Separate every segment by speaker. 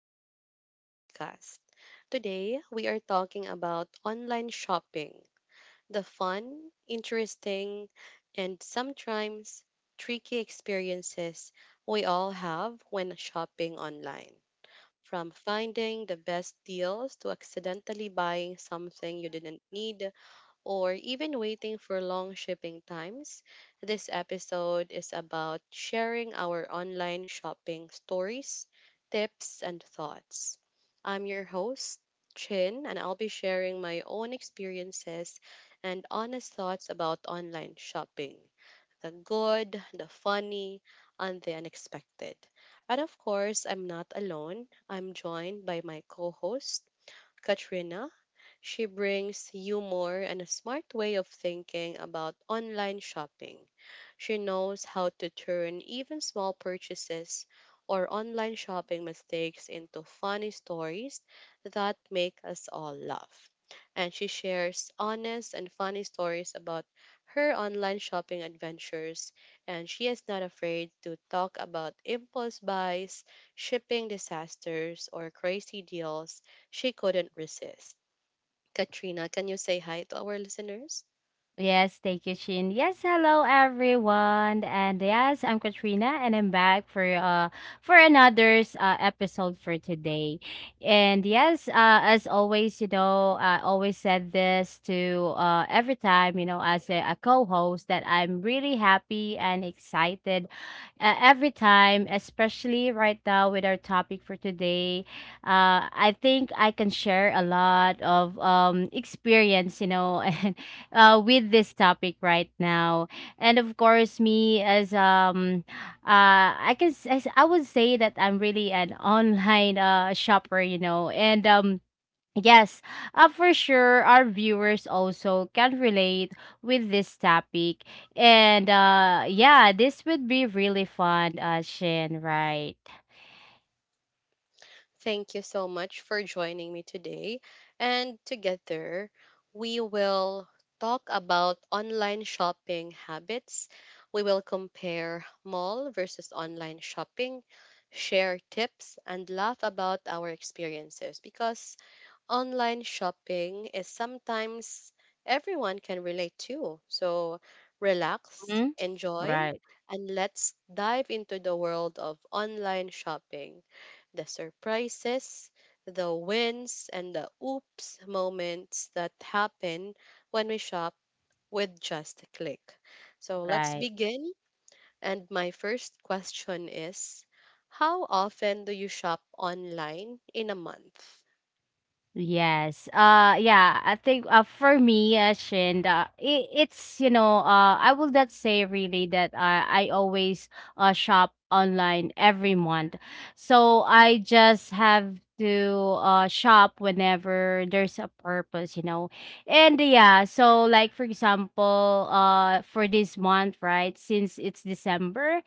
Speaker 1: back to our podcast. Today, we are talking about online shopping, the fun, interesting, and sometimes tricky experiences we all have when shopping online. From finding the best deals to accidentally buying something you didn't need or even waiting for long shipping times, this episode is about sharing our online shopping stories, tips, and thoughts. I'm your host, Chin, and I'll be sharing my own experiences and honest thoughts about online shopping, the good, the funny, and the unexpected. And of course, I'm not alone. I'm joined by my co host, Katrina. She brings humor and a smart way of thinking about online shopping. She knows how to turn even small purchases or online shopping mistakes into funny stories that make us all laugh. And she shares honest and funny stories about her online shopping adventures. And she is not afraid to talk about impulse buys, shipping disasters, or crazy deals she couldn't resist. Katrina, can you say hi to our listeners?
Speaker 2: Yes, thank you, Chin. Yes, hello everyone, and yes, I'm Katrina, and I'm back for another's episode for today. And yes, as always, I always said this to every time, as a co-host that I'm really happy and excited every time, especially right now with our topic for today. I think I can share a lot of experience, with this topic right now. And of course, me as I can s- I would say that I'm really an online shopper, and. Yes, for sure, our viewers also can relate with this topic, and yeah, this would be really fun, Shin, right?
Speaker 1: Thank you so much for joining me today. And together, we will talk about online shopping habits. We will compare mall versus online shopping, share tips, and laugh about our experiences because online shopping is sometimes everyone can relate to. So relax,
Speaker 2: Mhm.
Speaker 1: enjoy,
Speaker 2: Right,
Speaker 1: and let's dive into the world of online shopping. The surprises, the wins, and the oops moments that happen when we shop with just a click. So let's
Speaker 2: right.
Speaker 1: begin. And my first question is, how often do you shop online in a month?
Speaker 2: Yes. Yeah, I think for me, Shin, it's I will not say really that I always shop online every month. So I just have to shop whenever there's a purpose. And yeah, so like for example, for this month, right? Since it's December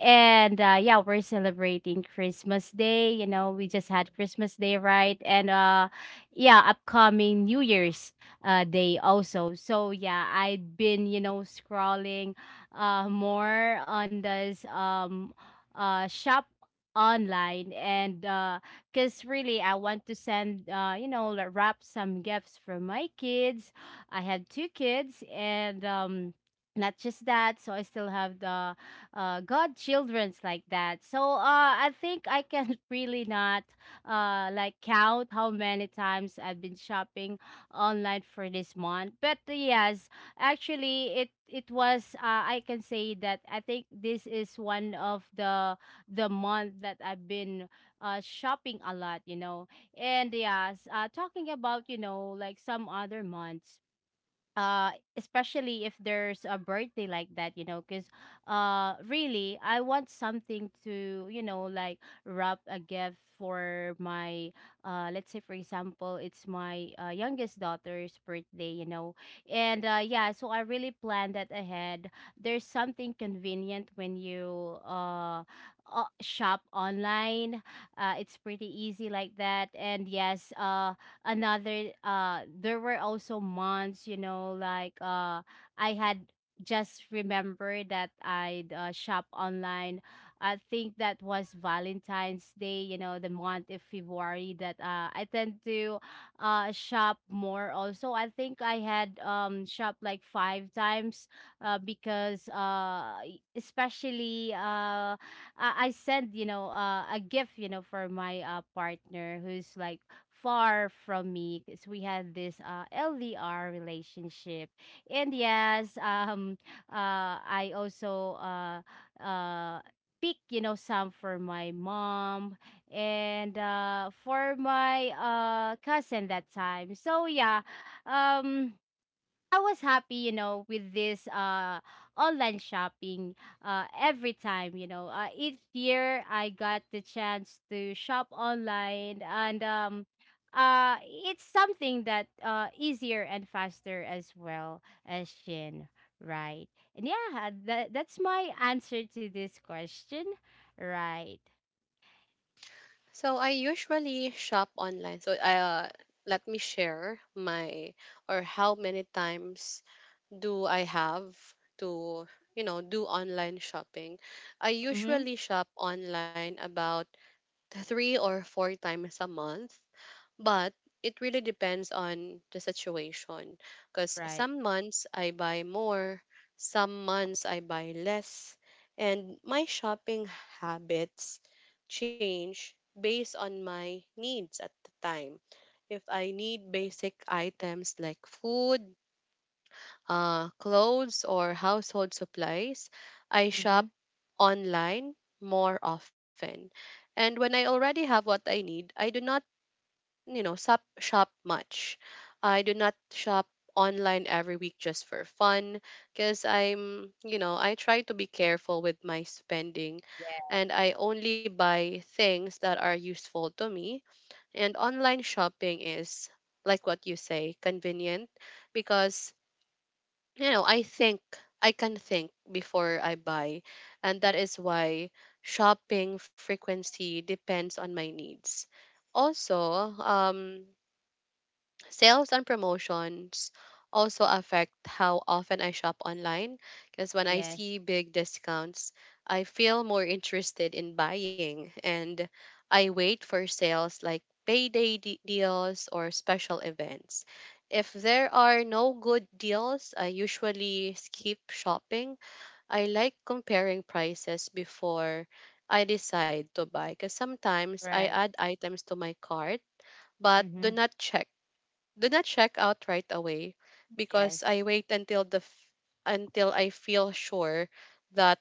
Speaker 2: and yeah, we're celebrating Christmas Day. We just had Christmas Day, right? And yeah, upcoming new year's day also. So yeah, I'd been scrolling more on this shop online, and because really I want to send like, wrap some gifts for my kids. I had two kids, and not just that, so I still have the godchildren's like that. So I think I can really not like count how many times I've been shopping online for this month. But yes, actually it was, I can say that I think this is one of the month that I've been shopping a lot. And yes, talking about, like some other months. uh Especially if there's a birthday like that, because really I want something to, like, wrap a gift for my— let's say for example, it's my youngest daughter's birthday. And yeah, so I really planned that ahead. There's something convenient when you shop online. It's pretty easy like that. And yes, another— there were also months, like, I had— just remember that I'd, shop online. I think that was Valentine's Day, the month of February, that I tend to shop more also. I think I had— shop like five times, because, especially, I send, a gift, for my partner who's like far from me, because we had this LDR relationship. And yes, I also uh pick, some for my mom, and for my cousin that time. So yeah, um I was happy, with this online shopping every time. Each year I got the chance to shop online, and it's something that easier and faster as well, as Shin, right? And yeah, that's my answer to this question. Right.
Speaker 1: So I usually shop online. So let me share my or how many times do I have to, you know, do online shopping. I
Speaker 2: Mhm.
Speaker 1: usually shop online about three or four times a month. But it really depends on the situation because
Speaker 2: Right.
Speaker 1: some months I buy more, some months I buy less, and my shopping habits change based on my needs at the time. If I need basic items like food, clothes, or household supplies, I
Speaker 2: Mhm.
Speaker 1: shop online more often. And when I already have what I need, I do not, you know, shop much. I do not shop online every week just for fun because I try to be careful with my spending
Speaker 2: Yeah.
Speaker 1: and I only buy things that are useful to me. And online shopping is, like what you say, convenient because, you know, I think, I can think before I buy. And that is why shopping frequency depends on my needs also. Sales and promotions also affect how often I shop online because when I
Speaker 2: Yes.
Speaker 1: see big discounts, I feel more interested in buying, and I wait for sales like payday deals or special events. If there are no good deals, I usually skip shopping. I like comparing prices before I decide to buy because sometimes I
Speaker 2: Right.
Speaker 1: add items to my cart but
Speaker 2: Mhm.
Speaker 1: do not check out right away because
Speaker 2: Yes.
Speaker 1: I wait until until I feel sure that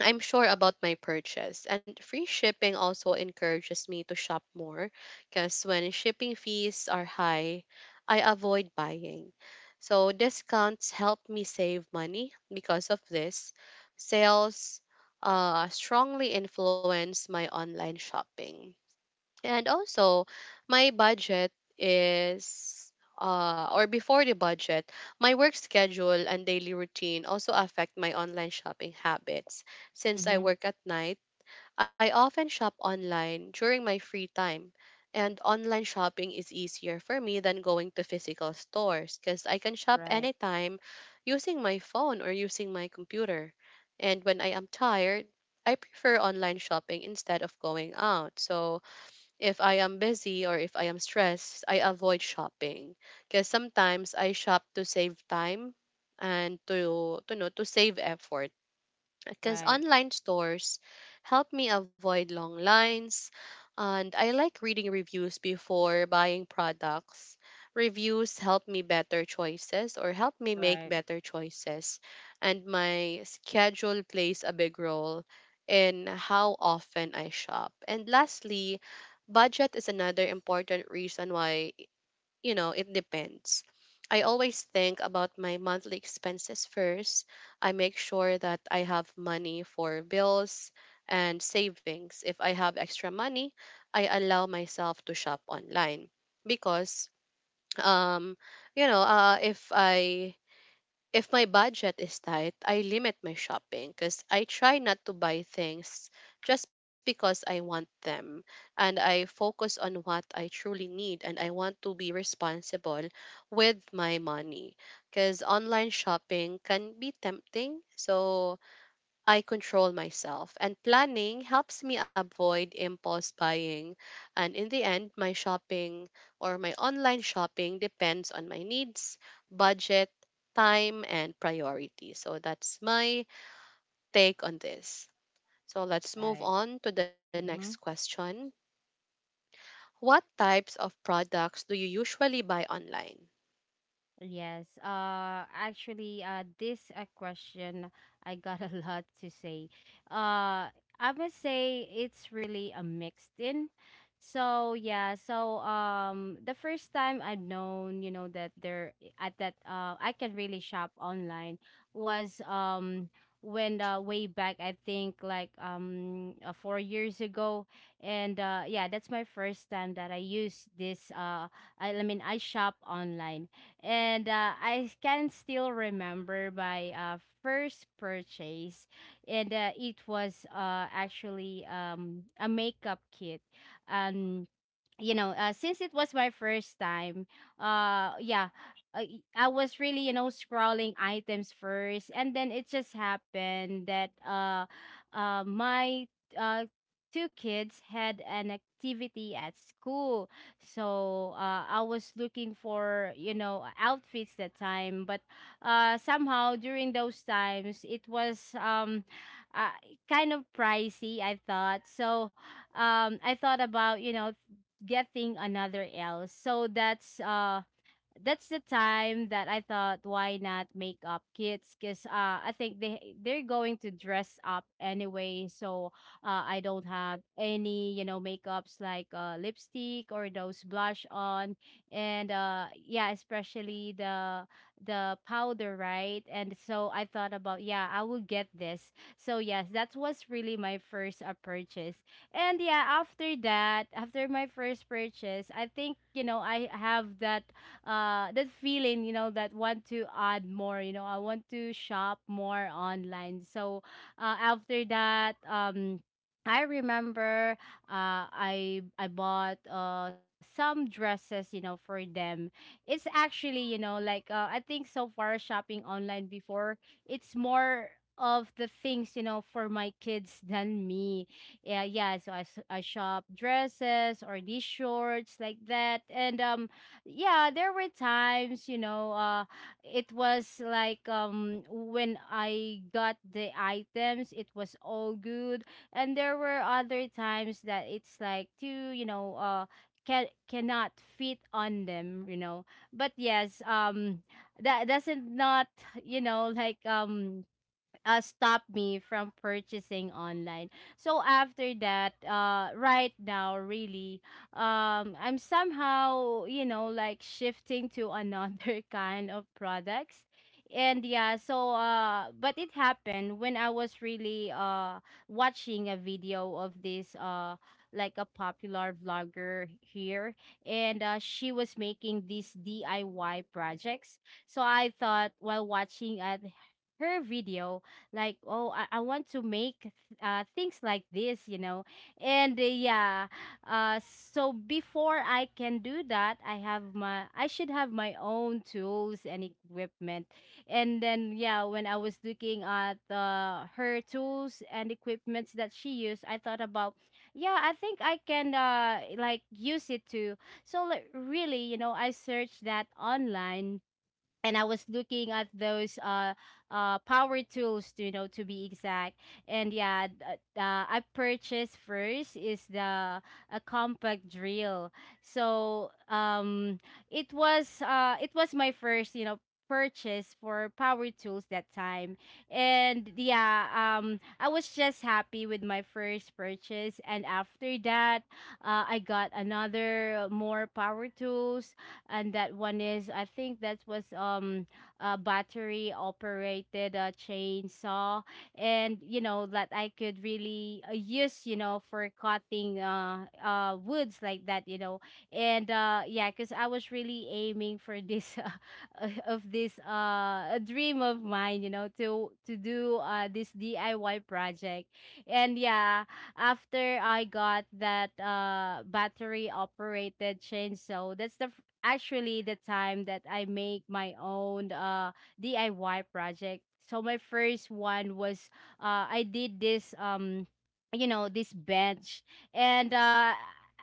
Speaker 1: I'm sure about my purchase. And free shipping also encourages me to shop more because when shipping fees are high, I avoid buying. So discounts help me save money because of this. Sales strongly influence my online shopping. And also, my budget is or before the budget, my work schedule and daily routine also affect my online shopping habits. Since I
Speaker 2: Mhm.
Speaker 1: work at night, I often shop online during my free time. And online shopping is easier for me than going to physical stores because I can shop
Speaker 2: Right.
Speaker 1: anytime using my phone or using my computer. And when I am tired, I prefer online shopping instead of going out. So, if I am busy or if I am stressed, I avoid shopping because sometimes I shop to save time and to know to save effort because
Speaker 2: Right.
Speaker 1: online stores help me avoid long lines, and I like reading reviews before buying products. Reviews help me make
Speaker 2: Right.
Speaker 1: better choices, and my schedule plays a big role in how often I shop. And lastly, budget is another important reason why, you know, it depends. I always think about my monthly expenses first. I make sure that I have money for bills and savings. If I have extra money, I allow myself to shop online because, um you know, if my budget is tight, I limit my shopping because I try not to buy things just because I want them. And I focus on what I truly need, and I want to be responsible with my money because online shopping can be tempting. So I control myself, and planning helps me avoid impulse buying. And in the end, my online shopping depends on my needs, budget, time, and priority. So that's my take on this. So let's move
Speaker 2: Right.
Speaker 1: on to the next
Speaker 2: Mhm.
Speaker 1: question. What types of products do you usually buy online?
Speaker 2: Yes. Actually, this a question, I got a lot to say. I must say it's really a mixed in. So yeah, so the first time I've known, that there at that, I can really shop online was, when, way back I think like, 4 years ago. And yeah, that's my first time that I use this, I mean I shop online. And I can still remember my first purchase, and it was, actually, a makeup kit. And, since it was my first time, yeah, I was really, scrolling items first, and then it just happened that, my uh, two kids had an activity at school. So, I was looking for, outfits that time, but, somehow during those times it was, uh, kind of pricey. I thought so. I thought about, getting another L. So that's the time that I thought, why not make up kids? Because, I think they're going to dress up anyway, so I don't have any, makeups like, lipstick or those blush on, and yeah, especially the powder, right? And so I thought about, yeah, I will get this. So yes, that was really my first purchase. And yeah, after that, after my first purchase, I think, I have that feeling, that want to add more, I want to shop more online. So, after that, I remember, I bought some dresses, for them. It's actually, like, I think so far shopping online before, it's more of the things, for my kids than me. Yeah, yeah. So I shop dresses or these shorts like that. And, yeah, there were times, it was like, when I got the items it was all good. And there were other times that it's like too, cannot fit on them, but yes, that doesn't not, like, stop me from purchasing online. So after that, right now, really, I'm somehow, like shifting to another kind of products. And yeah, so but it happened when I was really, watching a video of this, like a popular vlogger here, and she was making these DIY projects. So I thought while watching at her video, like, oh I want to make things like this, and yeah, so before I can do that, I should have my own tools and equipment. And then yeah, when I was looking at her tools and equipments that she used, I thought about, yeah, I think I can, like, use it too. So like, really, I searched that online, and I was looking at those power tools, to you know to be exact. And yeah, I purchased first is the a compact drill. So, it was my first, purchase for power tools that time. And yeah, I was just happy with my first purchase. And after that, I got another, more power tools. And that one is— I think that was, a battery operated chainsaw, and, that I could really, use, for cutting, woods like that, and yeah, cause I was really aiming for this of this, a dream of mine, to do this DIY project. And yeah, after I got that battery operated chainsaw, that's the actually the time that I make my own DIY project. So my first one was, I did this, this bench. And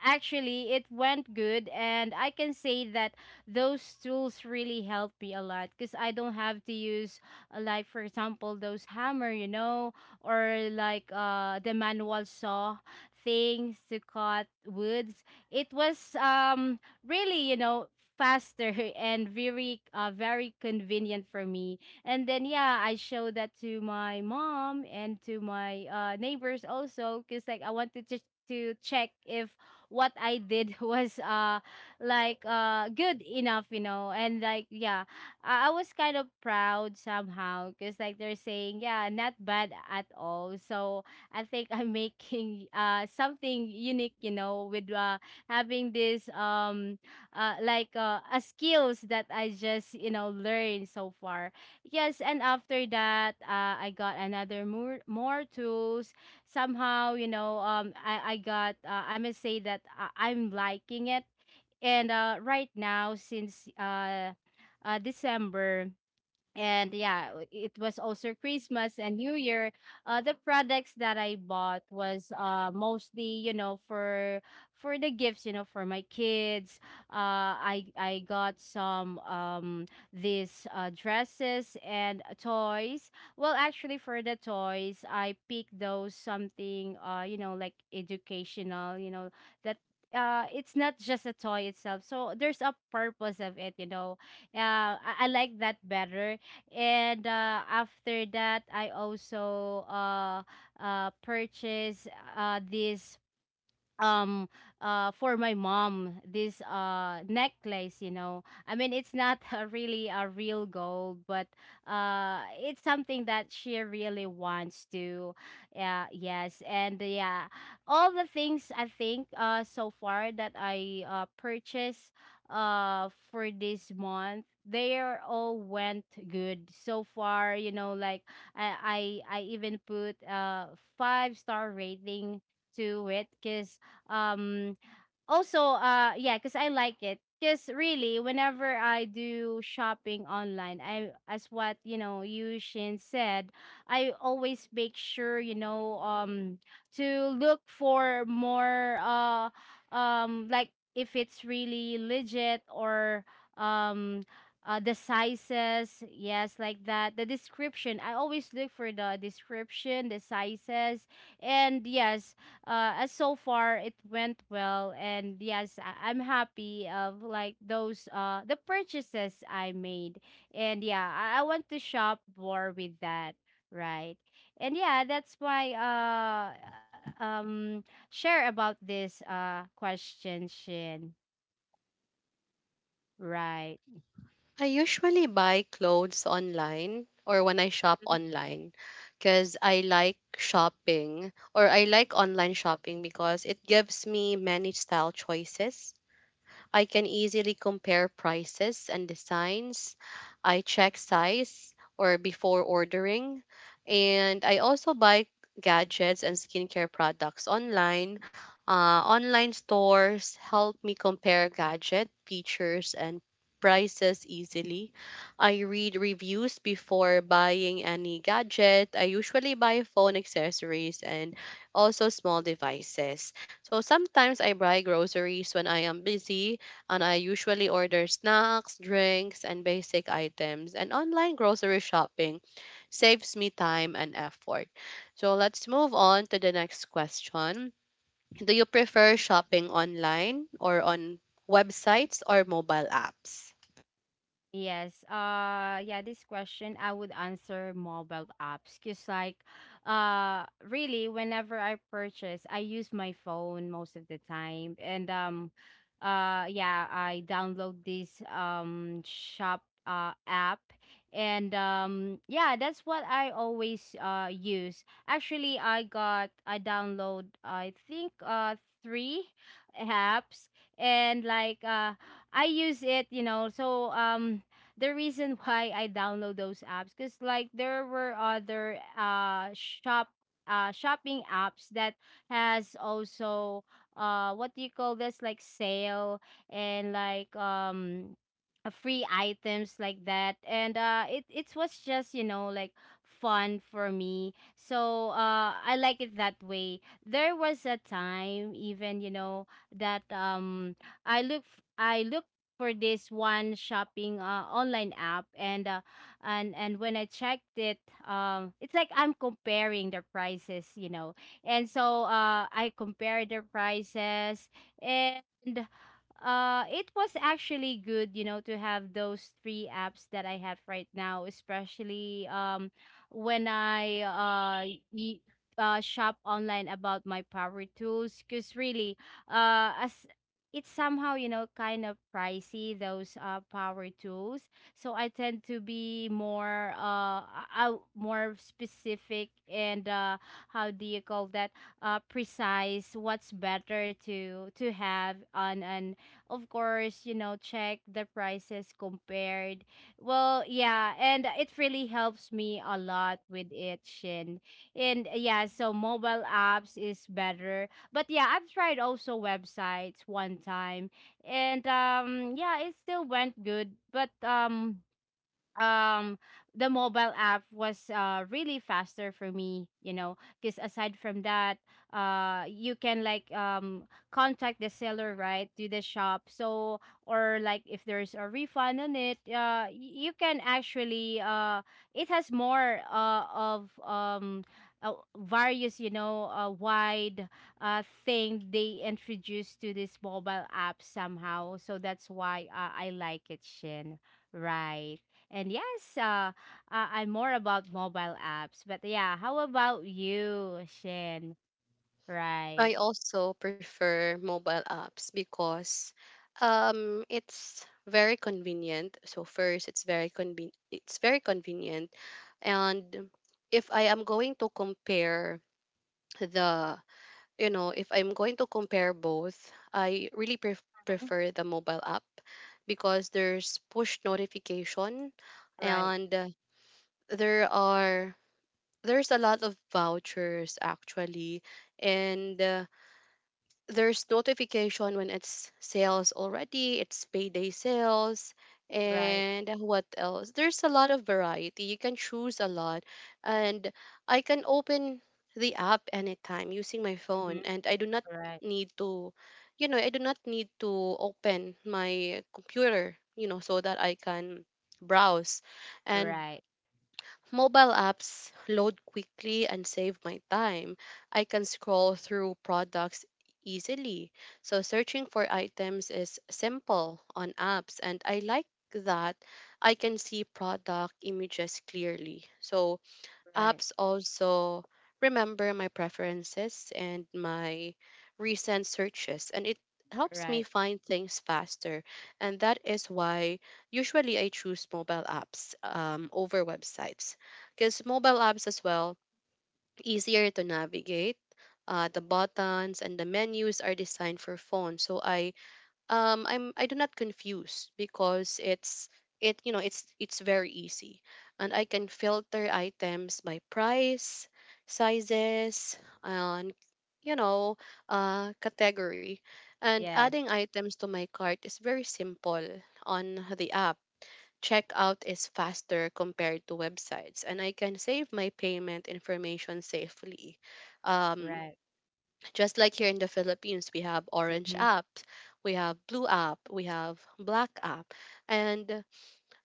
Speaker 2: actually it went good, and I can say that those tools really helped me a lot because I don't have to use, like for example those hammer, or like the manual saw things to cut woods. It was, really, you know, faster and very convenient for me. And then yeah, I show that to my mom and to my neighbors also, because like I wanted to check if what I did was, like, good enough. And like, yeah, I was kind of proud somehow because like they're saying, yeah, not bad at all. So I think I'm making, something unique, with, having this, like, a skills that I just, learned so far. Yes, and after that, I got another, more tools. Somehow, you know, I got, I must say that I'm liking it. And right now, since December, and yeah it was also Christmas and New Year. The products that I bought was mostly, you know, for the gifts, you know, for my kids. I got some these dresses and toys. Well, actually, for the toys, I picked those something, you know, like educational, you know, that it's not just a toy itself, so there's a purpose of it, you know. I like that better. And after that, I also purchased this um for my mom, this necklace, you know. I mean, it's not a really a real gold, but it's something that she really wants to. Yeah, yes, and yeah, all the things I think so far that I purchased for this month, they are all went good so far, you know, like I even put five-star rating to it because um, also, yeah, because I like it. Because really, whenever I do shopping online, I as what, you know, you Shin said, I always make sure, you know, to look for more like if it's really legit or um the sizes, yes, like that, the description. I always look for the description, the sizes. And yes, as so far it went well. And yes, I'm happy of like those the purchases I made. And yeah, I want to shop more with that. Right. And yeah, that's my um share about this question, Shin. Right.
Speaker 1: I usually buy clothes online or when I shop online because I like online shopping because it gives me many style choices. I can easily compare prices and designs. I check size or before ordering. And I also buy gadgets and skincare products online. Online stores help me compare gadget features and prices easily. I read reviews before buying any gadget. I usually buy phone accessories and also small devices. So sometimes I buy groceries when I am busy, and I usually order snacks, drinks, and basic items. And online grocery shopping saves me time and effort. So let's move on to the next question. Do you prefer shopping online or on websites or mobile apps?
Speaker 2: Yes. Yeah, this question I would answer mobile apps, cuz like really, whenever I purchase, I use my phone most of the time. And yeah, I download this shop app. And yeah, that's what I always use. Actually, I download, I think, 3 apps. And like I use it, you know. So the reason why I download those apps, because like there were other shopping apps that has also what do you call this, like sale. And like free items like that. And it was just, you know, like fun for me. So I like it that way. There was a time even, you know, that i look I look for this one shopping, online app. And when I checked it, it's like I'm comparing the prices, you know. And so I compared the prices. And it was actually good, you know, to have those three apps that I have right now, especially when I y- shop online about my power tools. Because really, as it's somehow, you know, kind of pricey, those power tools. So I tend to be more more specific. And how do you call that, precise, what's better to have on. And of course, you know, check the prices compared. Well, yeah, and it really helps me a lot with it, Shin. And yeah, so mobile apps is better. But yeah, I've tried also websites one time, and yeah, it still went good. But um the mobile app was really faster for me, you know, because aside from that, you can like contact the seller right to the shop. So or like if there's a refund on it, you can actually it has more of various, you know, wide thing they introduced to this mobile app somehow. So that's why, I like it, Shin. Right. And yes, I'm more about mobile apps. But yeah, how about you, Shin? Right.
Speaker 1: I also prefer mobile apps because it's very convenient. So first, it's very convenient, and if I am going to compare the, you know, if I'm going to compare both, I really
Speaker 2: Mhm.
Speaker 1: prefer the mobile app because there's push notification,
Speaker 2: Right.
Speaker 1: and there are there's a lot of vouchers actually, and there's notification when it's sales already, it's payday sales,
Speaker 2: Right.
Speaker 1: and what else? There's a lot of variety. You can choose a lot. And I can open the app anytime using my phone,
Speaker 2: Hmm.
Speaker 1: and I do not
Speaker 2: Right.
Speaker 1: need to, you know, I do not need to open my computer, you know, so that I can browse. And
Speaker 2: Right.
Speaker 1: mobile apps load quickly and save my time. I can scroll through products easily. So searching for items is simple on apps, and I like that I can see product images clearly. So
Speaker 2: Right.
Speaker 1: apps also remember my preferences and my recent searches, and it helps me
Speaker 2: Right.
Speaker 1: find things faster, and that is why usually I choose mobile apps over websites because mobile apps as well easier to navigate. Uh, the buttons and the menus are designed for phones, so I do not confuse because it's it you know it's very easy, and I can filter items by price, sizes, and, you know, category, and
Speaker 2: Yes.
Speaker 1: adding items to my cart is very simple. On the app, checkout is faster compared to websites, and I can save my payment information safely. um
Speaker 2: Right.
Speaker 1: just like here in the Philippines, we have orange
Speaker 2: Hmm.
Speaker 1: app, we have blue app, we have black app, and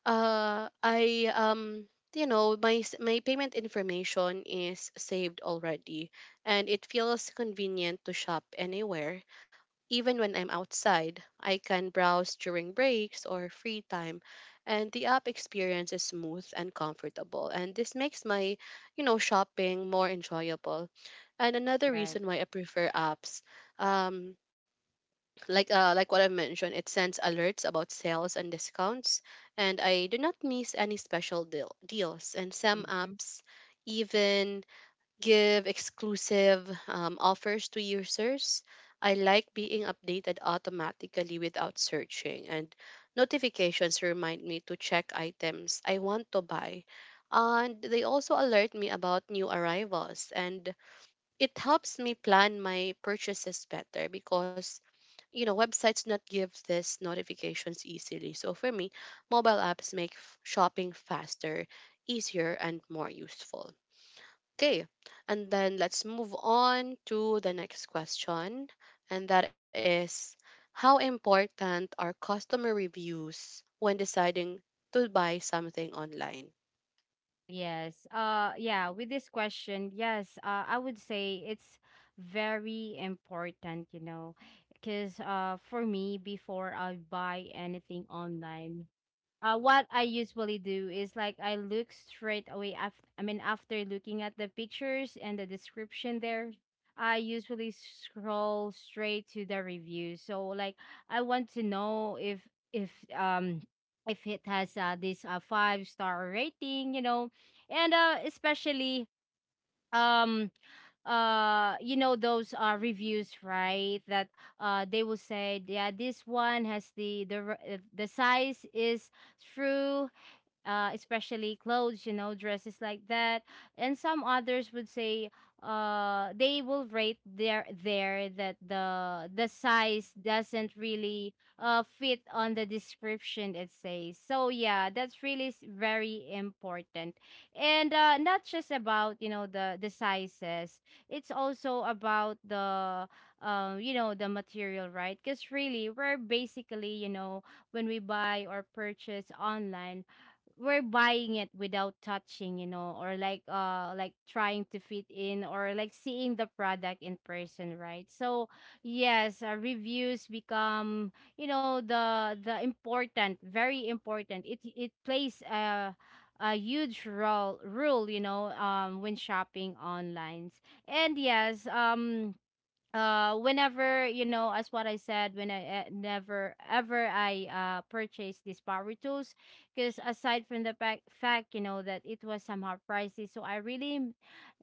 Speaker 1: I you know my s- my payment information is saved already, and it feels convenient to shop anywhere, even when I'm outside. I can browse during breaks or free time, and the app experience is smooth and comfortable, and this makes my, you know, shopping more enjoyable. And another
Speaker 2: Right.
Speaker 1: reason why I prefer apps, um, like what I mentioned, it sends alerts about sales and discounts, and I do not miss any special deals. And some
Speaker 2: Hmm.
Speaker 1: apps even give exclusive offers to users. I like being updated automatically without searching, and notifications remind me to check items I want to buy. And they also alert me about new arrivals, and it helps me plan my purchases better because, you know, websites not give this notifications easily. So for me, mobile apps make shopping faster, easier, and more useful. Okay, and then let's move on to the next question, and that is, how important are customer reviews when deciding to buy something online?
Speaker 2: Yes. Yeah, with this question, yes, I would say it's very important, you know, because for me, before I buy anything online, what I usually do is like I look straight away after, I mean, after looking at the pictures and the description there, I usually scroll straight to the review. So like I want to know if if it has this five-star rating, you know. And especially um you know those reviews, right, that they will say yeah, this one has the size is true. Especially clothes, you know, dresses like that. And some others would say they will rate there that the size doesn't really fit on the description it says. So yeah, that's really very important. And not just about, you know, the sizes. It's also about the you know, the material, right? Because really, we're basically, you know, when we buy or purchase online, we're buying it without touching, you know, or like trying to fit in, or like seeing the product in person, right? So yes, reviews become, you know, the important, very important. It plays a huge role rule, you know, when shopping online. And yes, whenever, you know, as what I said, when I never ever I purchased these power tools, because aside from the fact, you know, that it was somehow pricey. So I really, mm,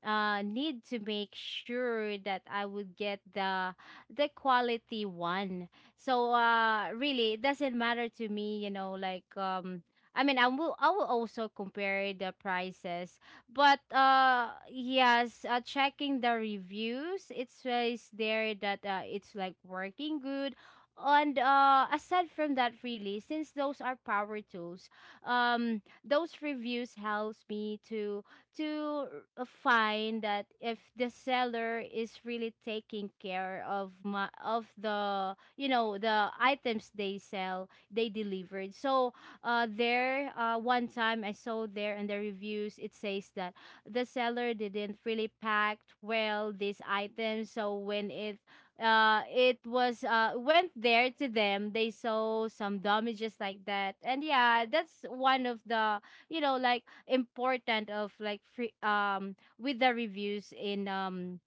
Speaker 2: uh need to make sure that I would get the quality one. So really, it doesn't matter to me, you know, like I mean, I will. I will also compare the prices. But yes, checking the reviews, it says there that it's like working good. And aside from that, really, since those are power tools, those reviews helps me to find that if the seller is really taking care of my of, the you know, the items they sell, they delivered. So there, one time I saw there in the reviews, it says that the seller didn't really pack well these items. So when it it was went there to them, they saw some damages like that. And yeah, that's one of the, you know, like important of like free with the reviews in um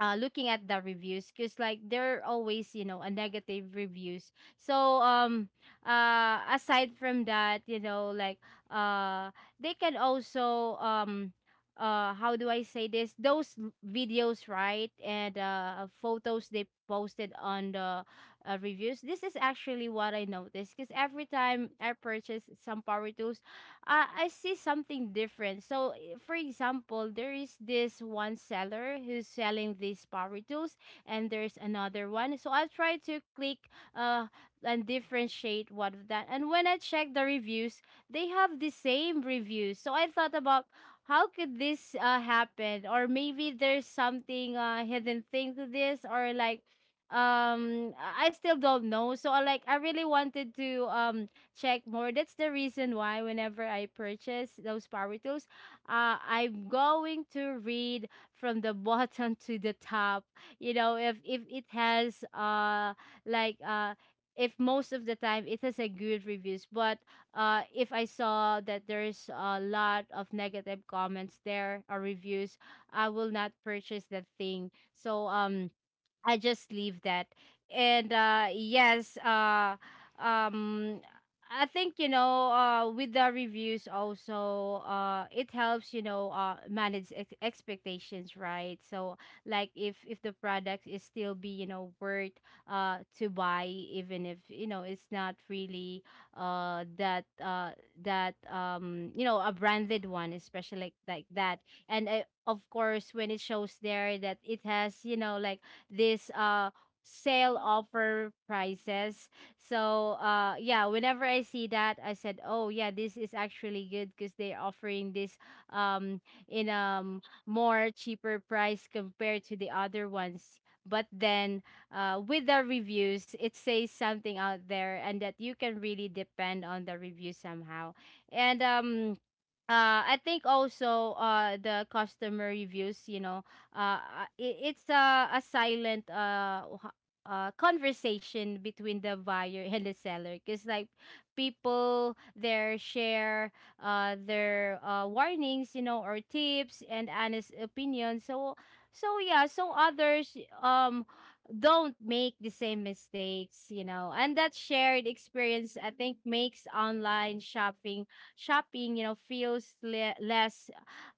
Speaker 2: uh, looking at the reviews, because like there are always, you know, a negative reviews. So aside from that, you know, like uh they can also how do I say this, those videos, right, and photos they posted on the reviews. This is actually what I noticed, because every time I purchase some power tools, I see something different. So, for example, there is this one seller who's selling these power tools, and there's another one. So I try to click uh and differentiate what of that. And when I check the reviews, they have the same reviews. So I thought about how could this happen, or maybe there's something hidden thing to this, or like I still don't know. So I like I really wanted to check more. That's the reason why whenever I purchase those power tools, I'm going to read from the bottom to the top. You know, if it has like uh if most of the time it has a good reviews, but if I saw that there's a lot of negative comments there or reviews, I will not purchase that thing. So I just leave that. And yes, um I think, you know, with the reviews also, it helps, you know, manage expectations, right? So like if the product is still be, you know, worth to buy, even if, you know, it's not really that that you know, a branded one, especially like that. And of course, when it shows there that it has, you know, like this sale offer prices. So yeah, whenever I see that, I said, oh yeah, this is actually good, because they're offering this um in more cheaper price compared to the other ones. But then with the reviews, it says something out there, and that you can really depend on the review somehow. And I think also, the customer reviews, you know, it's a silent conversation between the buyer and the seller. Because like people, their share, their warnings, you know, or tips and honest opinions. So, so yeah, so others um don't make the same mistakes, you know. And that shared experience, I think, makes online shopping you know, feels less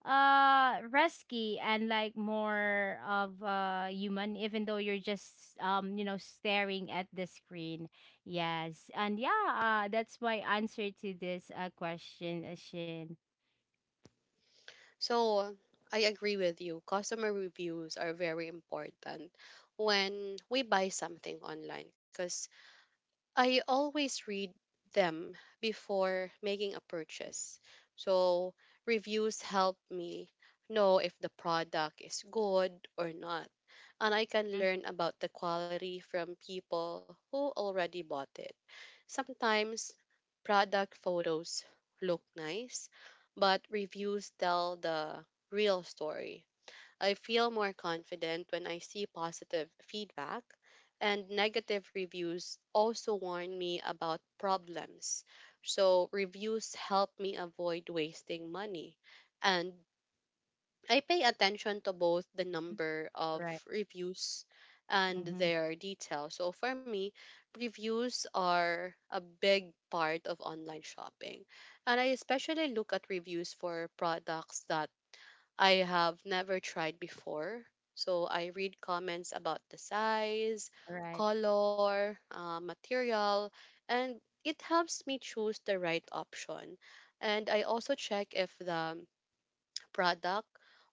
Speaker 2: risky, and like more of human, even though you're just you know, staring at the screen. Yes, and yeah, that's my answer to this question, Ashin.
Speaker 1: So I agree with you. Customer reviews are very important when we buy something online because I always read them before making a purchase. So reviews help me know if the product is good or not. And I can
Speaker 2: Mm-hmm.
Speaker 1: learn about the quality from people who already bought it. Sometimes product photos look nice, but reviews tell the real story. I feel more confident when I see positive feedback, and negative reviews also warn me about problems. So, reviews help me avoid wasting money, and I pay attention to both the number
Speaker 2: Right.
Speaker 1: of reviews and
Speaker 2: Mm-hmm.
Speaker 1: their details. So for me, reviews are a big part of online shopping. And I especially look at reviews for products that I have never tried before. So I read comments about the size,
Speaker 2: Right.
Speaker 1: color, material, and it helps me choose the right option. And I also check if the product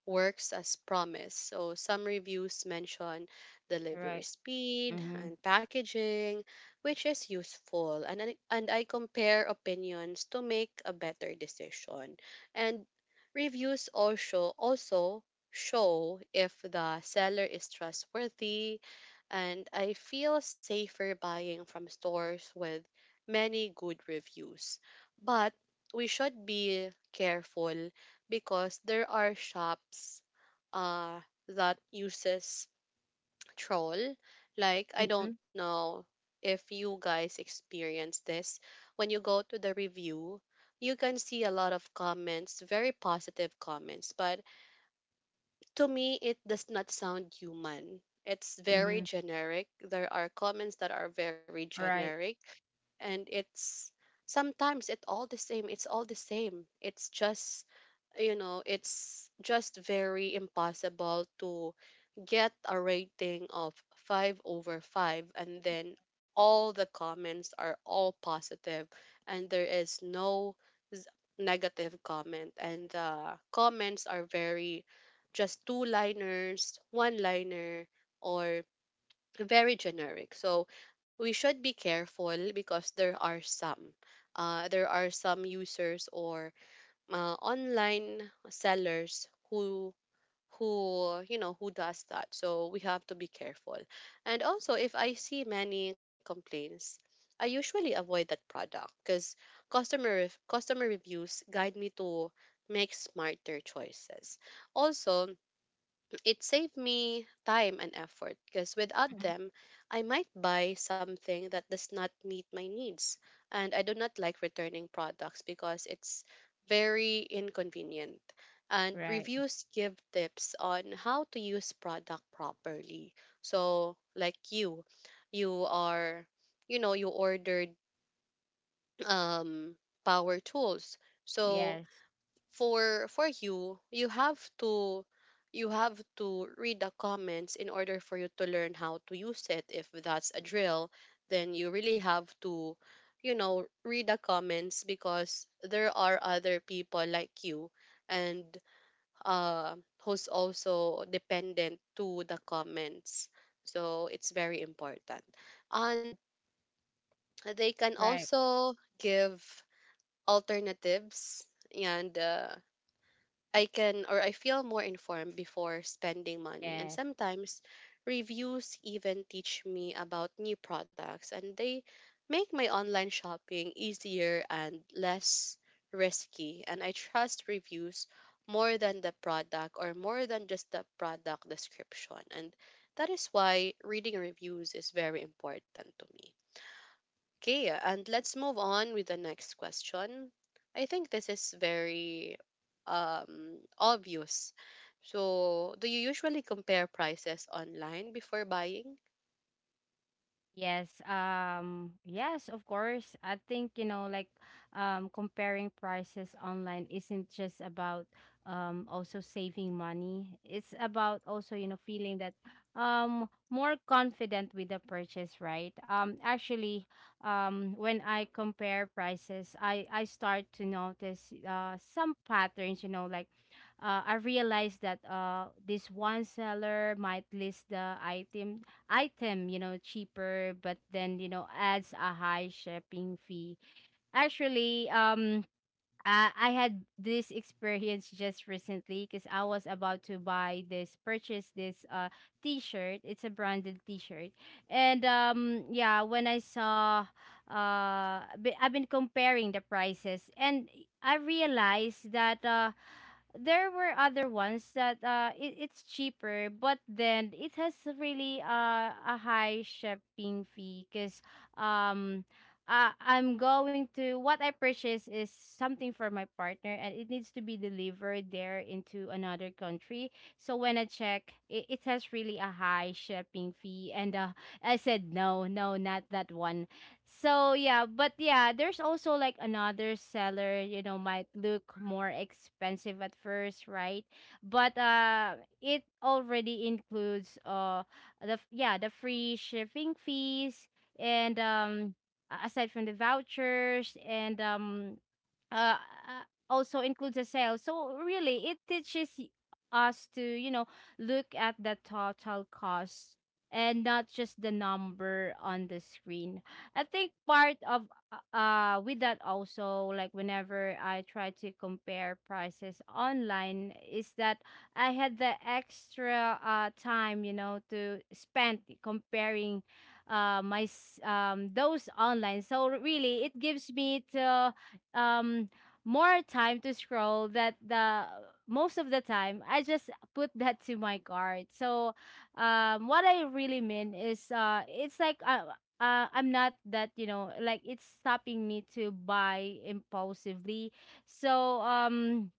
Speaker 1: works as promised. So some reviews mention delivery
Speaker 2: Right.
Speaker 1: speed
Speaker 2: Mm-hmm.
Speaker 1: and packaging, which is useful. And I compare opinions to make a better decision. And reviews also show if the seller is trustworthy, and I feel safer buying from stores with many good reviews. But we should be careful because there are shops uh, that uses troll. Like, I
Speaker 2: Mm-hmm.
Speaker 1: don't know if you guys experience this. When you go to the review, you can see a lot of comments, very positive comments, but to me, it does not sound human. It's very
Speaker 2: Mm-hmm.
Speaker 1: generic. There are comments that are very
Speaker 2: Right.
Speaker 1: generic, and it's sometimes it all the same. It's all the same. It's just very impossible to get a rating of 5 over 5, and then all the comments are all positive and there is no z- negative comment, and the comments are very just two liners, one liner, or very generic. So we should be careful because there are some users or online sellers who you know who does that. So we have to be careful. And also, if I see many complaints, I usually avoid that product because customer customer reviews guide me to make smarter choices. Also, it saved me time and effort, because without
Speaker 2: Mm-hmm.
Speaker 1: them, I might buy something that does not meet my needs. And I do not like returning products because it's very inconvenient. And
Speaker 2: Right.
Speaker 1: reviews give tips on how to use product properly. So, like you, you are, you ordered um power tools. So
Speaker 2: Yes.
Speaker 1: for you have to read the comments in order for you to learn how to use it. If that's a drill, then you really have to, read the comments, because there are other people like you, and uh who's also dependent to the comments. So it's very important, and they can
Speaker 2: Right.
Speaker 1: also give alternatives. And I can or I feel more informed before spending money. And
Speaker 2: Yes.
Speaker 1: sometimes reviews even teach me about new products, and they make my online shopping easier and less risky. And I trust reviews more than the product, or more than just the product description. And that is why reading reviews is very important to me. Okay, and let's move on with the next question. I think this is very, obvious. So, do you usually compare prices online before buying?
Speaker 2: Yes, yes, of course. I think, you know, like comparing prices online isn't just about also saving money. It's about also, you know, feeling that more confident with the purchase, right? Actually, when I compare prices, I start to notice some patterns, you know, like I realize that this one seller might list the item, you know, cheaper, but then, you know, adds a high shipping fee. Actually, I had this experience just recently because I was about to purchase this T-shirt. It's a branded T-shirt, and yeah, when I saw I've been comparing the prices, and I realized that there were other ones that it's cheaper but then it has really a high shipping fee because um I'm going to what I purchase is something for my partner and it needs to be delivered there into another country. So when I it, it has really a high shipping fee and I said no, no, not that one. So yeah, but yeah, there's also like another seller, you know, might look more expensive at first, right? But it already includes yeah, the free shipping fees and aside from the vouchers and uh, also includes a sale. So really, it teaches us to, you know, look at the total cost and not just the number on the screen. I think part of with that, also, like whenever I try to compare prices online is that I had the extra time, you know, to spend comparing those online. So really it gives me to um more time to scroll that the most of the time I just put that to my cart. So what I really mean is it's like I'm not that, you know, like it's stopping me to buy impulsively. So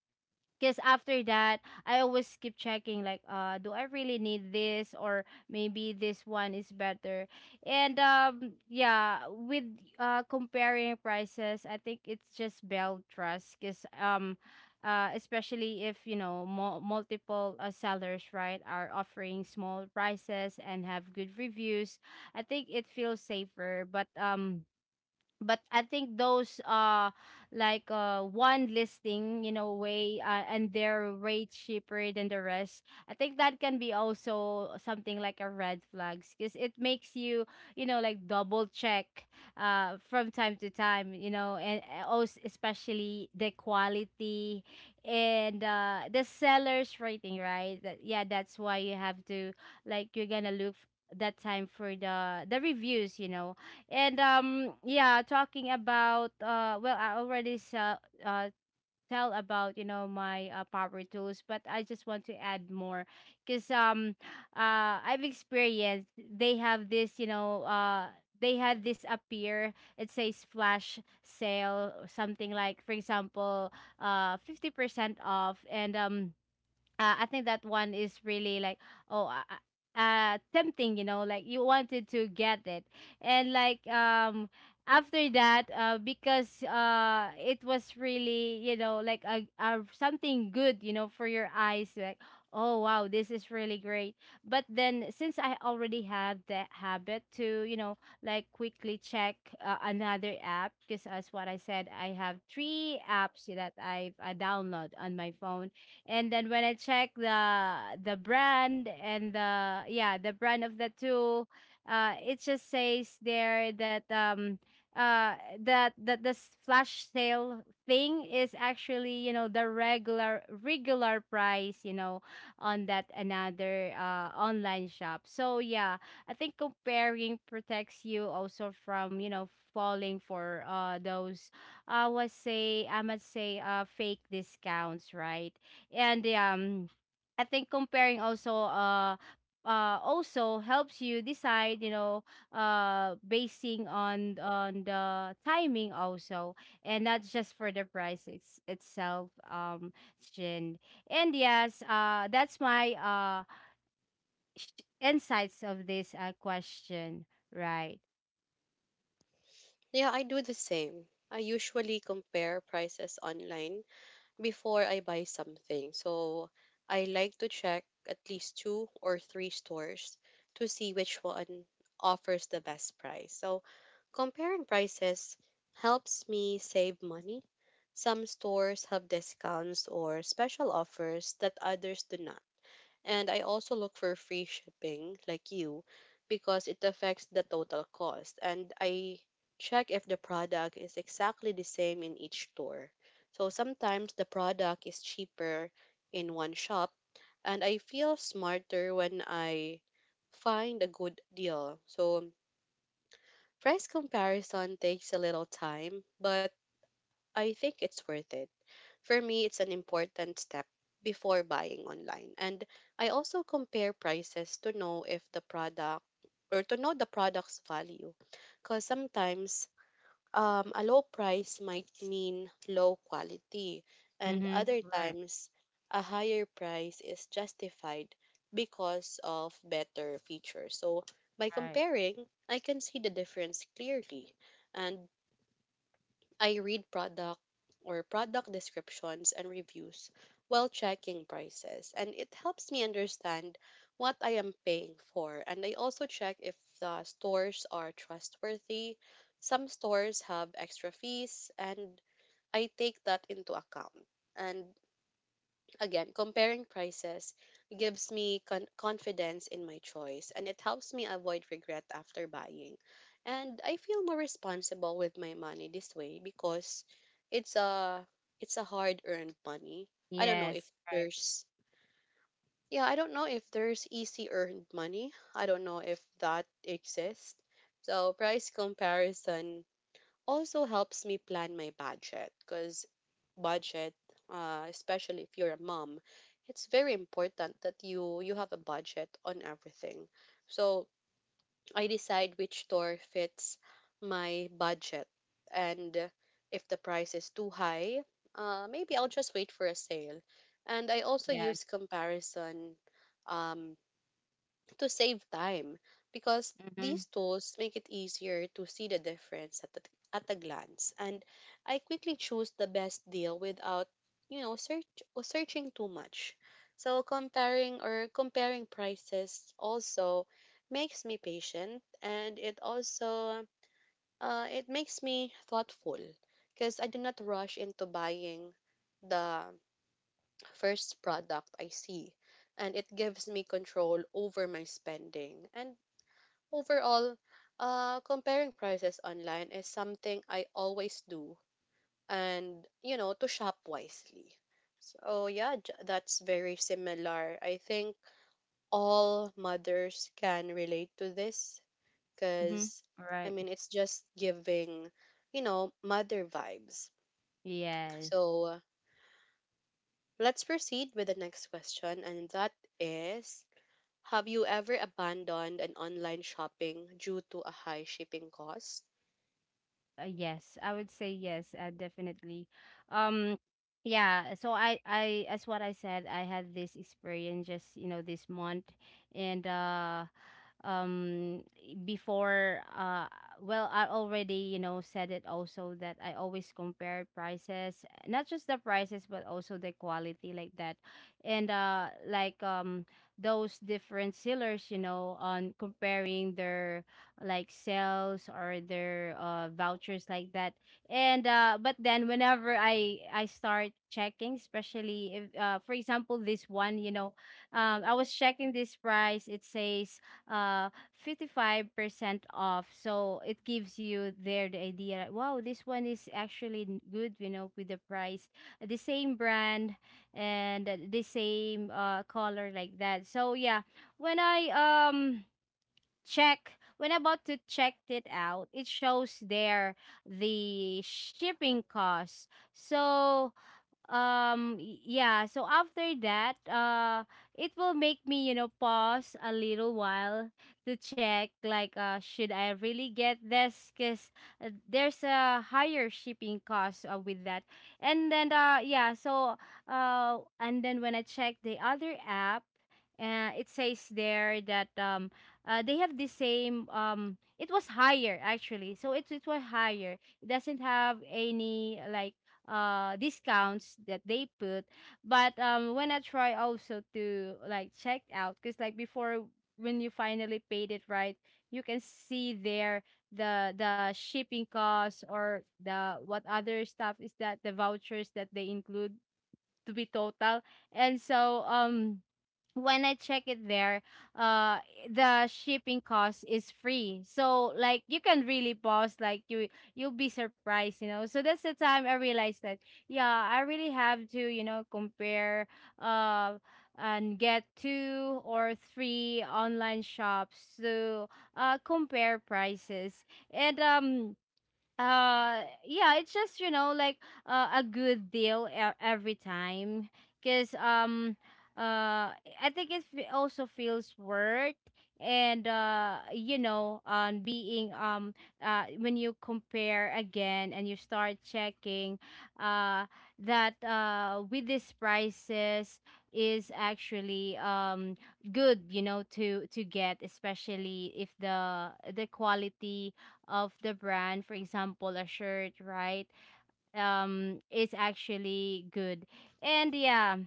Speaker 2: because after that I always keep checking like do I really need this, or maybe this one is better. And yeah, with comparing prices, I think it's just build trust because especially if, you know, multiple sellers, right, are offering small prices and have good reviews, I think it feels safer. But but I think those one listing, you know, way and their rate cheaper than the rest, I think that can be also something like a red flags because it makes you, you know, like double check from time to time, you know. And also especially the quality and the seller's rating, right? That, yeah, that's why you have to, like, you're gonna that time for the reviews, you know. And yeah, talking about well, I already tell about, you know, my power tools, but I just want to add more, cuz I've experienced they have this, you know, they had this appear, it says flash sale or something. Like, for example, 50% off. And I think that one is really like, oh, tempting, you know, like you wanted to get it, and like after that because it was really, you know, like a something good, you know, for your eyes, like, oh wow, this is really great. But then since I already have that habit to, you know, like quickly check another app, because as what I said, I have three apps that I've download on my phone. And then when I check the brand and the, yeah, the brand of the tool, it just says there that that this flash sale thing is actually, you know, the regular price, you know, on that another online shop. So yeah, I think comparing protects you also from, you know, falling for those, I would say, I must say, fake discounts, right? And I think comparing also also helps you decide, you know, basing on the timing also, and not just for the price it's, itself. Shin. And yes, that's my insights of this question. Right.
Speaker 1: Yeah, I do the same. I usually compare prices online before I buy something. So, I like to check at least two or three stores to see which one offers the best price. So, comparing prices helps me save money. Some stores have discounts or special offers that others do not. And I also look for free shipping, like you, because it affects the total cost. And I check if the product is exactly the same in each store. So sometimes the product is cheaper in one shop, and I feel smarter when I find a good deal. So price comparison takes a little time, but I think it's worth it. For me, it's an important step before buying online. And I also compare prices to know if the product, or to know the product's value. Because sometimes, a low price might mean low quality, and
Speaker 2: Mm-hmm.
Speaker 1: other
Speaker 2: Right.
Speaker 1: times a higher price is justified because of better features. So by
Speaker 2: Right.
Speaker 1: comparing, I can see the difference clearly. And I read product, or product descriptions, and reviews while checking prices, and it helps me understand what I am paying for. And I also check if the stores are trustworthy. Some stores have extra fees, and I take that into account. And again, comparing prices gives me confidence in my choice, and it helps me avoid regret after buying. And I feel more responsible with my money this way, because it's a it's a hard-earned money. I don't know if
Speaker 2: Yes. Right.
Speaker 1: there's yeah, I don't know if there's easy earned money. I don't know if that exists. So price comparison also helps me plan my budget. Because budget, especially if you're a mom, it's very important that you have a budget on everything. So I decide which store fits my budget, and if the price is too high, maybe I'll just wait for a sale. And I also
Speaker 2: Yes.
Speaker 1: use comparison, um, to save time, because
Speaker 2: Mm-hmm.
Speaker 1: these tools make it easier to see the difference at a glance, and I quickly choose the best deal without, search or searching too much. So comparing, or comparing prices, also makes me patient, and it also it makes me thoughtful, because I do not rush into buying the first product I see, and it gives me control over my spending. And overall, comparing prices online is something I always do, and, you know, to shop wisely. So yeah, that's very similar. I think all mothers can relate to this
Speaker 2: Mm-hmm.
Speaker 1: because, I
Speaker 2: Right.
Speaker 1: mean, it's just giving, mother vibes.
Speaker 2: Yes.
Speaker 1: So let's proceed with the next question, and that is: have you ever abandoned an online shopping due to a high shipping cost?
Speaker 2: Yes, I would say yes, definitely. Um, yeah, so as what I said, I had this experience just, you know, this month, and um before well, I already, you know, said it also that I always compare prices, not just the prices but also the quality like that. And those different sellers, you know, on comparing their like sales or their vouchers like that. And but then whenever I start checking, especially if, for example, this one, you know, I was checking this price, it says uh 55% off. So it gives you there the idea like, wow, this one is actually good, you know, with the price, the same brand, and the same color like that. So yeah, when I check, when I'm about to check it out, it shows there the shipping cost. So yeah, so after that it will make me, you know, pause a little while to check like, should I really get this? Because there's a higher shipping cost with that. And then yeah, so and then when I check the other app, it says there that they have the same, it was higher, actually. So it was higher, it doesn't have any like discounts that they put. But when I try also to like check out, because like before, when you finally paid it, right, you can see there the shipping costs or the what other stuff is, that the vouchers that they include to be total. And so when I check it there, uh, the shipping cost is free. So like you can really pause, like you you'll be surprised, you know. So that's the time I realized that yeah, I really have to, you know, compare, uh, and get two or three online shops to compare prices. And yeah, it's just, you know, like a good deal every time. Because uh I think it also feels worth. And you know, on being when you compare again and you start checking uh that with these prices is actually good, you know, to get, especially if the quality of the brand, for example a shirt, right, is actually good. And yeah,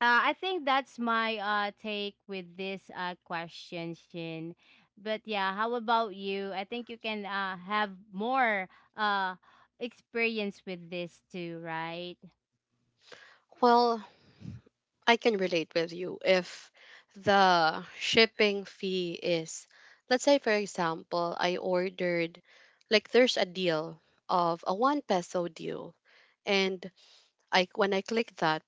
Speaker 2: I think that's my take with this question, Shin. But yeah, how about you? I think you can have more uh experience with this too, right?
Speaker 1: Well, I can relate with you. If the shipping fee is, let's say, for example, I ordered, like, there's a deal of a 1 peso deal. And when I click that,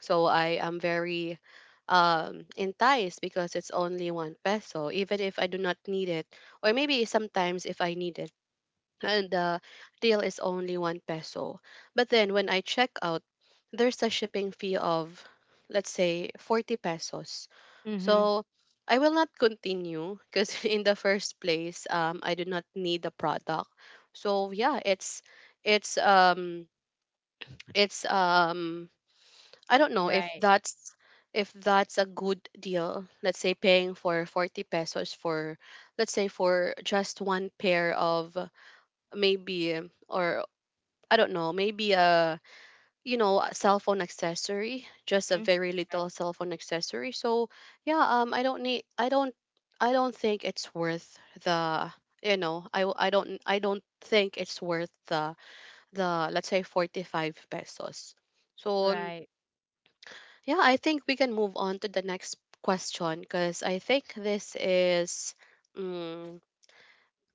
Speaker 1: so I am very, enticed because it's only 1 peso, even if I do not need it, or maybe sometimes if I need it and the deal is only 1 peso. But then when I check out, there's a shipping fee of, let's say, 40 pesos.
Speaker 2: Mm-hmm.
Speaker 1: So I will not continue, because in the first place, I do not need the product. So yeah, it's um it's I don't know if
Speaker 2: Right.
Speaker 1: that's a good deal. Let's say paying for 40 pesos for, let's say, for just one pair of, maybe, or I don't know, maybe a you know a cell phone accessory, just a
Speaker 2: Mm-hmm.
Speaker 1: very
Speaker 2: Right.
Speaker 1: little cell phone accessory. So yeah, I don't need, I don't think it's worth the you know I w- I don't think it's worth the, let's say, 45 pesos. So
Speaker 2: Right.
Speaker 1: yeah, I think we can move on to the next question, because I think this is, um,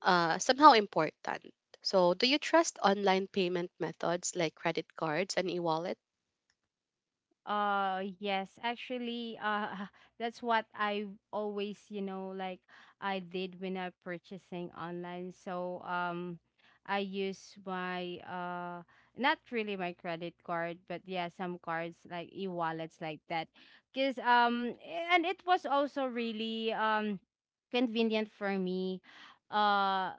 Speaker 1: somehow important. So, do you trust online payment methods like credit cards and e wallets?
Speaker 2: Yes, actually, that's what I always, you know, like, I did when I purchasing online. So I use my not really my credit card, but yeah, some cards like e-wallets like that. Cuz and it was also really convenient for me. Uh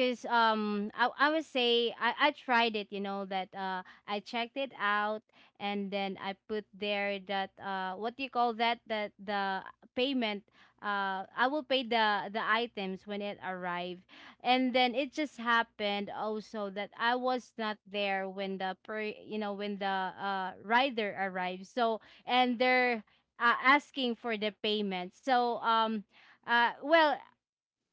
Speaker 2: Cause I would say I tried it, you know, that I checked it out, and then I put there that what do you call that, that the payment, I will pay the items when it arrive. And then it just happened also that I was not there when the per you know, when the rider arrived. So, and they're asking for the payment. So well,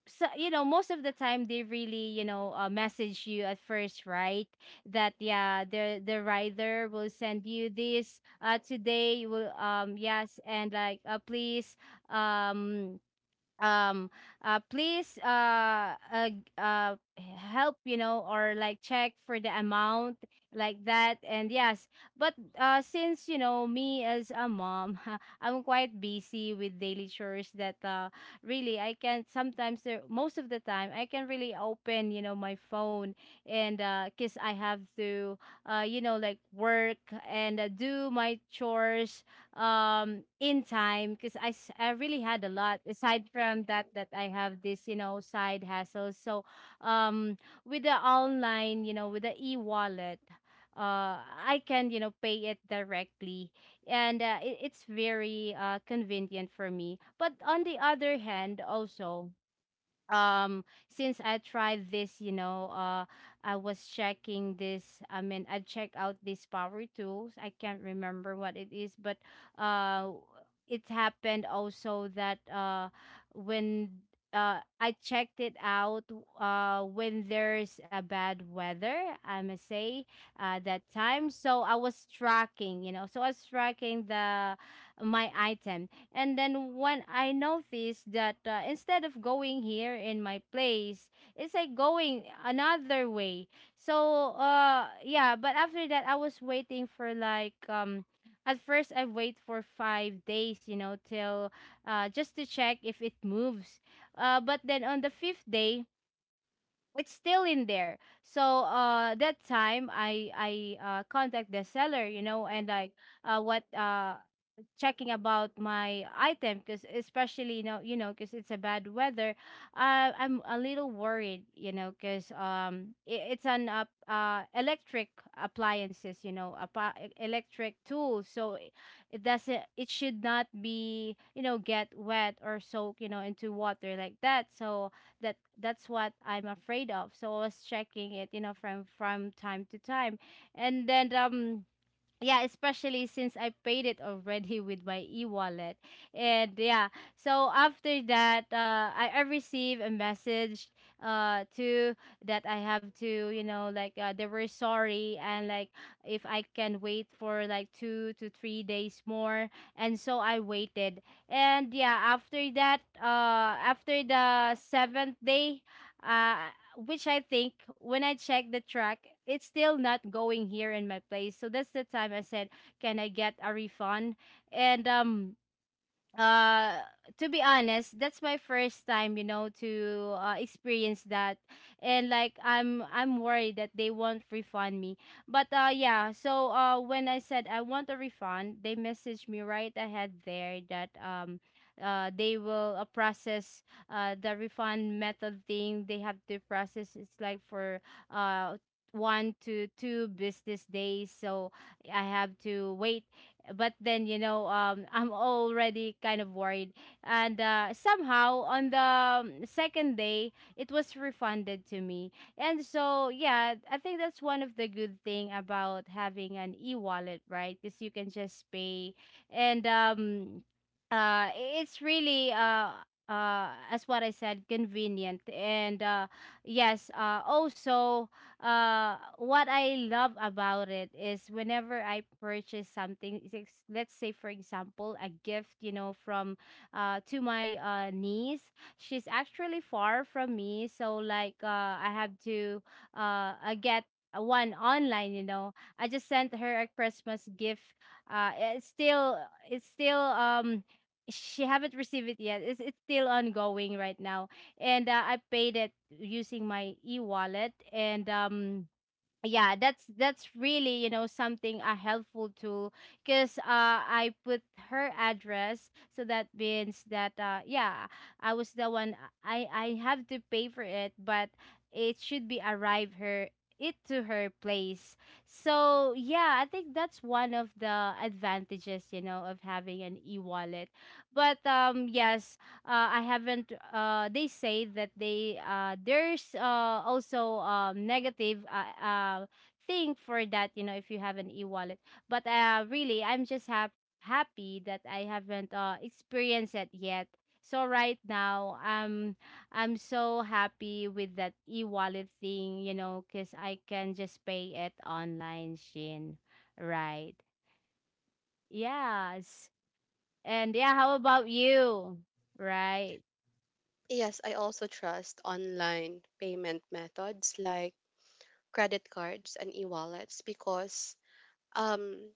Speaker 2: so you know, most of the time, they really, you know, message you at first, right? That yeah, the rider will send you this today, you will yes, and like please um um please help, you know, or like check for the amount like that. And yes, but since you know, me as a mom, I'm quite busy with daily chores, that really, I can sometimes most of the time, I can really open, you know, my phone. And because I have to you know, like work and do my chores in time, because I really had a lot aside from that, that I have this, you know, side hassle. So um with the online, you know, with the e-wallet, I can, you know, pay it directly. And it, it's very convenient for me. But on the other hand, also, since I tried this, you know, I was checking this, I checked out these power tools, I can't remember what it is. But uh it happened also that when I checked it out when there's a bad weather, I must say, that time. So I was tracking, you know, so I was tracking the, my item. And then when I noticed that instead of going here in my place, it's like going another way. So yeah, but after that I was waiting for like at first I wait for 5 days, till just to check if it moves. But then on the 5th day it's still in there. So that time I contact the seller, you know, and like what checking about my item, because especially because it's a bad weather. I'm a little worried, you know, because it's an electric appliances, you know, electric tools. So it should not be, you know, get wet or soak, you know, into water like that. So that's what I'm afraid of, so I was checking it, you know, from time to time. And then yeah, especially since I paid it already with my e-wallet. And yeah, so after that, I received a message, to that I have to, you know, like they were sorry, and like if I can wait for like 2 to 3 days more. And so I waited. And yeah, after that, after the seventh day, uh, which I think when I check the track, it's still not going here in my place. So that's the time I said, "Can I get a refund?" And uh to be honest, that's my first time, you know, to experience that. And like I'm worried that they won't refund me. But yeah, so when I said I want a refund, they messaged me right ahead there that they will, process the refund method thing they have to process. It's like for uh 1 to 2 business days, so I have to wait. But then, I'm already kind of worried. And somehow, on the second day, it was refunded to me. And so yeah, I think that's one of the good thing about having an e-wallet, right? Because you can just pay. And it's really, as what I said, convenient. And yes. Also, what I love about it is, whenever I purchase something, is let's say, for example, a gift, you know, from to my niece. She's actually far from me, so like I have to I get one online, you know. I just sent her a Christmas gift. Uh it's still it's still she haven't received it yet. It's still ongoing right now. And I paid it using my e-wallet. And yeah, that's really, something, a helpful tool. Because I put her address, so that means that yeah, I was the one. I have to pay for it, but it should be arrive her, it to her place. So yeah, I think that's one of the advantages of having an e-wallet. But yes, I haven't. They say that they there's also negative thing for that. You know, if you have an e-wallet. But really, I'm just happy that I haven't experienced it yet. So right now, I'm so happy with that e-wallet thing. You know, cause I can just pay it online. Shin, right? Yes. And yeah, how about you? Right.
Speaker 1: Yes, I also trust online payment methods like credit cards and e-wallets, because um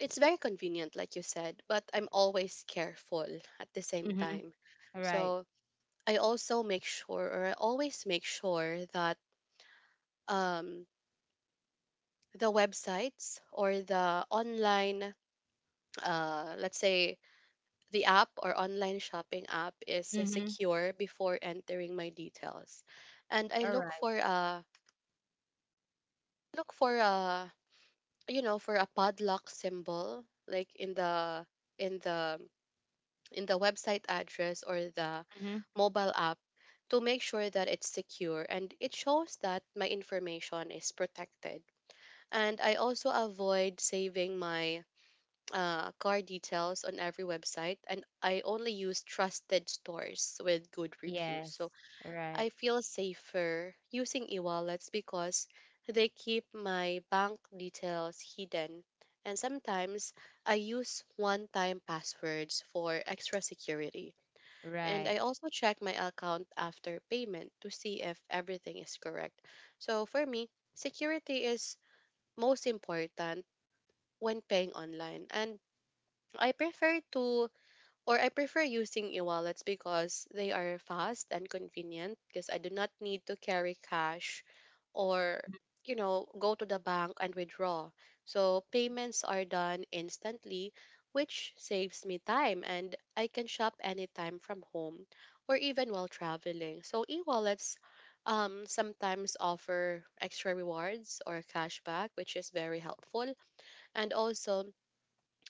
Speaker 1: it's very convenient, like you said, but I'm always careful at the same
Speaker 2: Mm-hmm.
Speaker 1: time.
Speaker 2: Right.
Speaker 1: So, I also make sure, or I always make sure that um the websites, or the online, let's say, the app or online shopping app is
Speaker 2: Mhm.
Speaker 1: secure before entering my details. And I
Speaker 2: All right.
Speaker 1: look for a you know for a padlock symbol, like in in the the website address or the
Speaker 2: Mhm.
Speaker 1: mobile app, to make sure that it's secure, and it shows that my information is protected. And I also avoid saving my, car details on every website, and I only use trusted stores with good reviews. So
Speaker 2: Yes. Right.
Speaker 1: I feel safer using e-wallets because they keep my bank details hidden. And sometimes I use one-time passwords for extra security. And
Speaker 2: Right.
Speaker 1: I also check my account after payment to see if everything is correct. So for me, security is most important when paying online. And I prefer to, or I prefer using e-wallets, because they are fast and convenient, because I do not need to carry cash, or, go to the bank and withdraw. So payments are done instantly, which saves me time, and I can shop anytime from home or even while traveling. So e-wallets, sometimes offer extra rewards or cashback, which is very helpful. And also,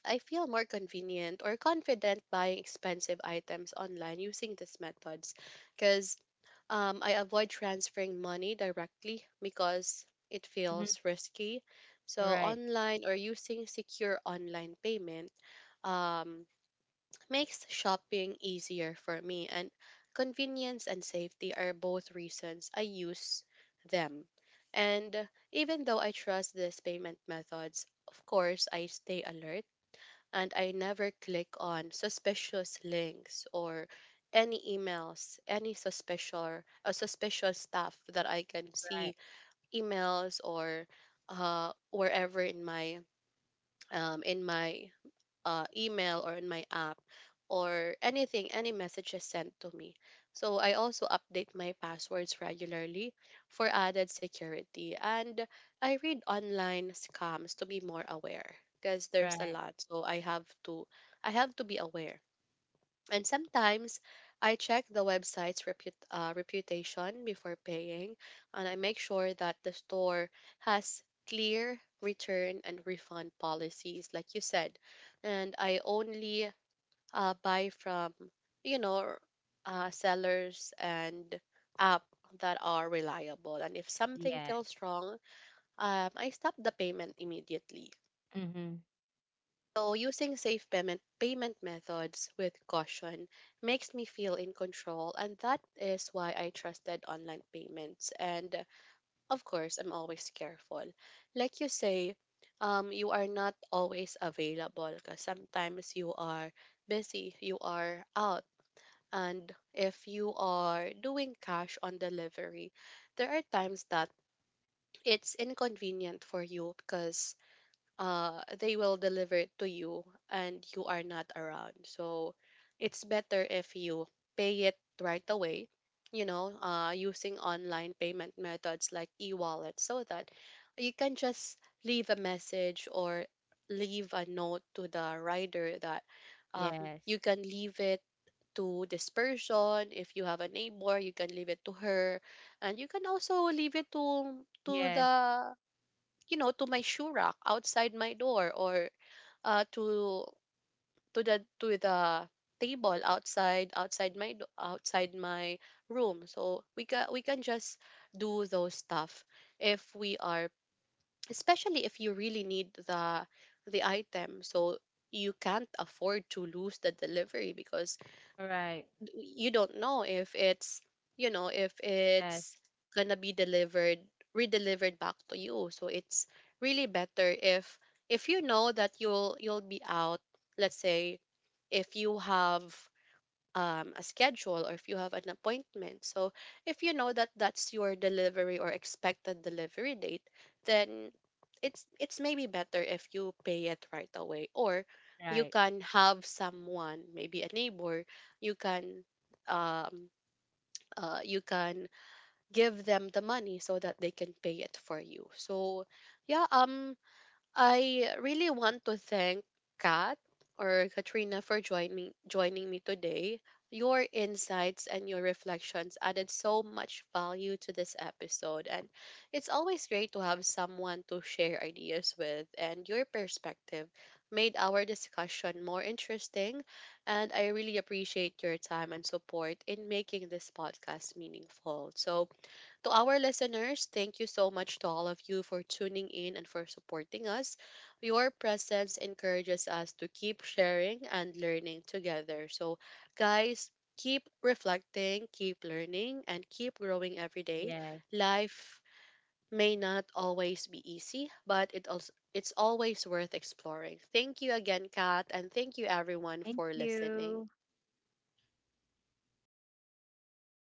Speaker 1: I feel more convenient or confident buying expensive items online using these methods, because, I avoid transferring money directly because it
Speaker 2: Mhm.
Speaker 1: feels risky. So,
Speaker 2: Right.
Speaker 1: online, or using secure online payment, um, makes shopping easier for me, and convenience and safety are both reasons I use them. And even though I trust these payment methods, of course, I stay alert, and I never click on suspicious links or any emails, any suspicious stuff that I can
Speaker 2: Right.
Speaker 1: see, emails, or wherever in my, um, in my email, or in my app, or anything, any messages sent to me. So I also update my passwords regularly for added security. And I read online scams to be more aware, because there's a
Speaker 2: Right.
Speaker 1: lot. So I have to be aware, and sometimes I check the website's reputation before paying, and I make sure that the store has clear return and refund policies, like you said. And I only, buy from, you know, sellers and app that are reliable. And if something
Speaker 2: Yes.
Speaker 1: feels wrong, I stop the payment immediately.
Speaker 2: Mhm.
Speaker 1: So using safe payment methods with caution makes me feel in control, and that is why I trusted online payments, and, of course, I'm always careful. Like you say, you are not always available, because sometimes you are busy, you are out, and if you are doing cash on delivery, there are times that it's inconvenient for you, because they will deliver it to you and you are not around, so it's better if you pay it right away, using online payment methods like e-wallet, so that you can just leave a message, or leave a note to the rider that um
Speaker 2: Yes.
Speaker 1: you can leave it to this person. If you have a neighbor, you can leave it to her, and you can also leave it to
Speaker 2: Yes.
Speaker 1: the you know, to my shoe rack outside my door, or to the table outside my room. So we can just do those stuff if we are especially if you really need the item. So you can't afford to lose the delivery, because
Speaker 2: Right.
Speaker 1: you don't know if it's you know if
Speaker 2: Yes.
Speaker 1: it's gonna be delivered, redelivered back to you. So it's really better if, you know that you'll be out. Let's say if you have, a schedule, or if you have an appointment. So if you know that that's your delivery or expected delivery date, then it's maybe better if you pay it right away, or you
Speaker 2: Right.
Speaker 1: can have someone, maybe a neighbor. You can um uh, you can give them the money so that they can pay it for you. So yeah, I really want to thank Kat, or Katrina, for joining me today. Your insights and your reflections added so much value to this episode, and it's always great to have someone to share ideas with, and your perspective made our discussion more interesting, and I really appreciate your time and support in making this podcast meaningful. So to our listeners, thank you so much to all of you for tuning in and for supporting us. Your presence encourages us to keep sharing and learning together. So, guys, keep reflecting, keep learning, and keep growing every day.
Speaker 2: Yes.
Speaker 1: Life may not always be easy, but it's always worth exploring. Thank you again, Kat, and thank you everyone
Speaker 2: Thank
Speaker 1: for listening.
Speaker 2: you.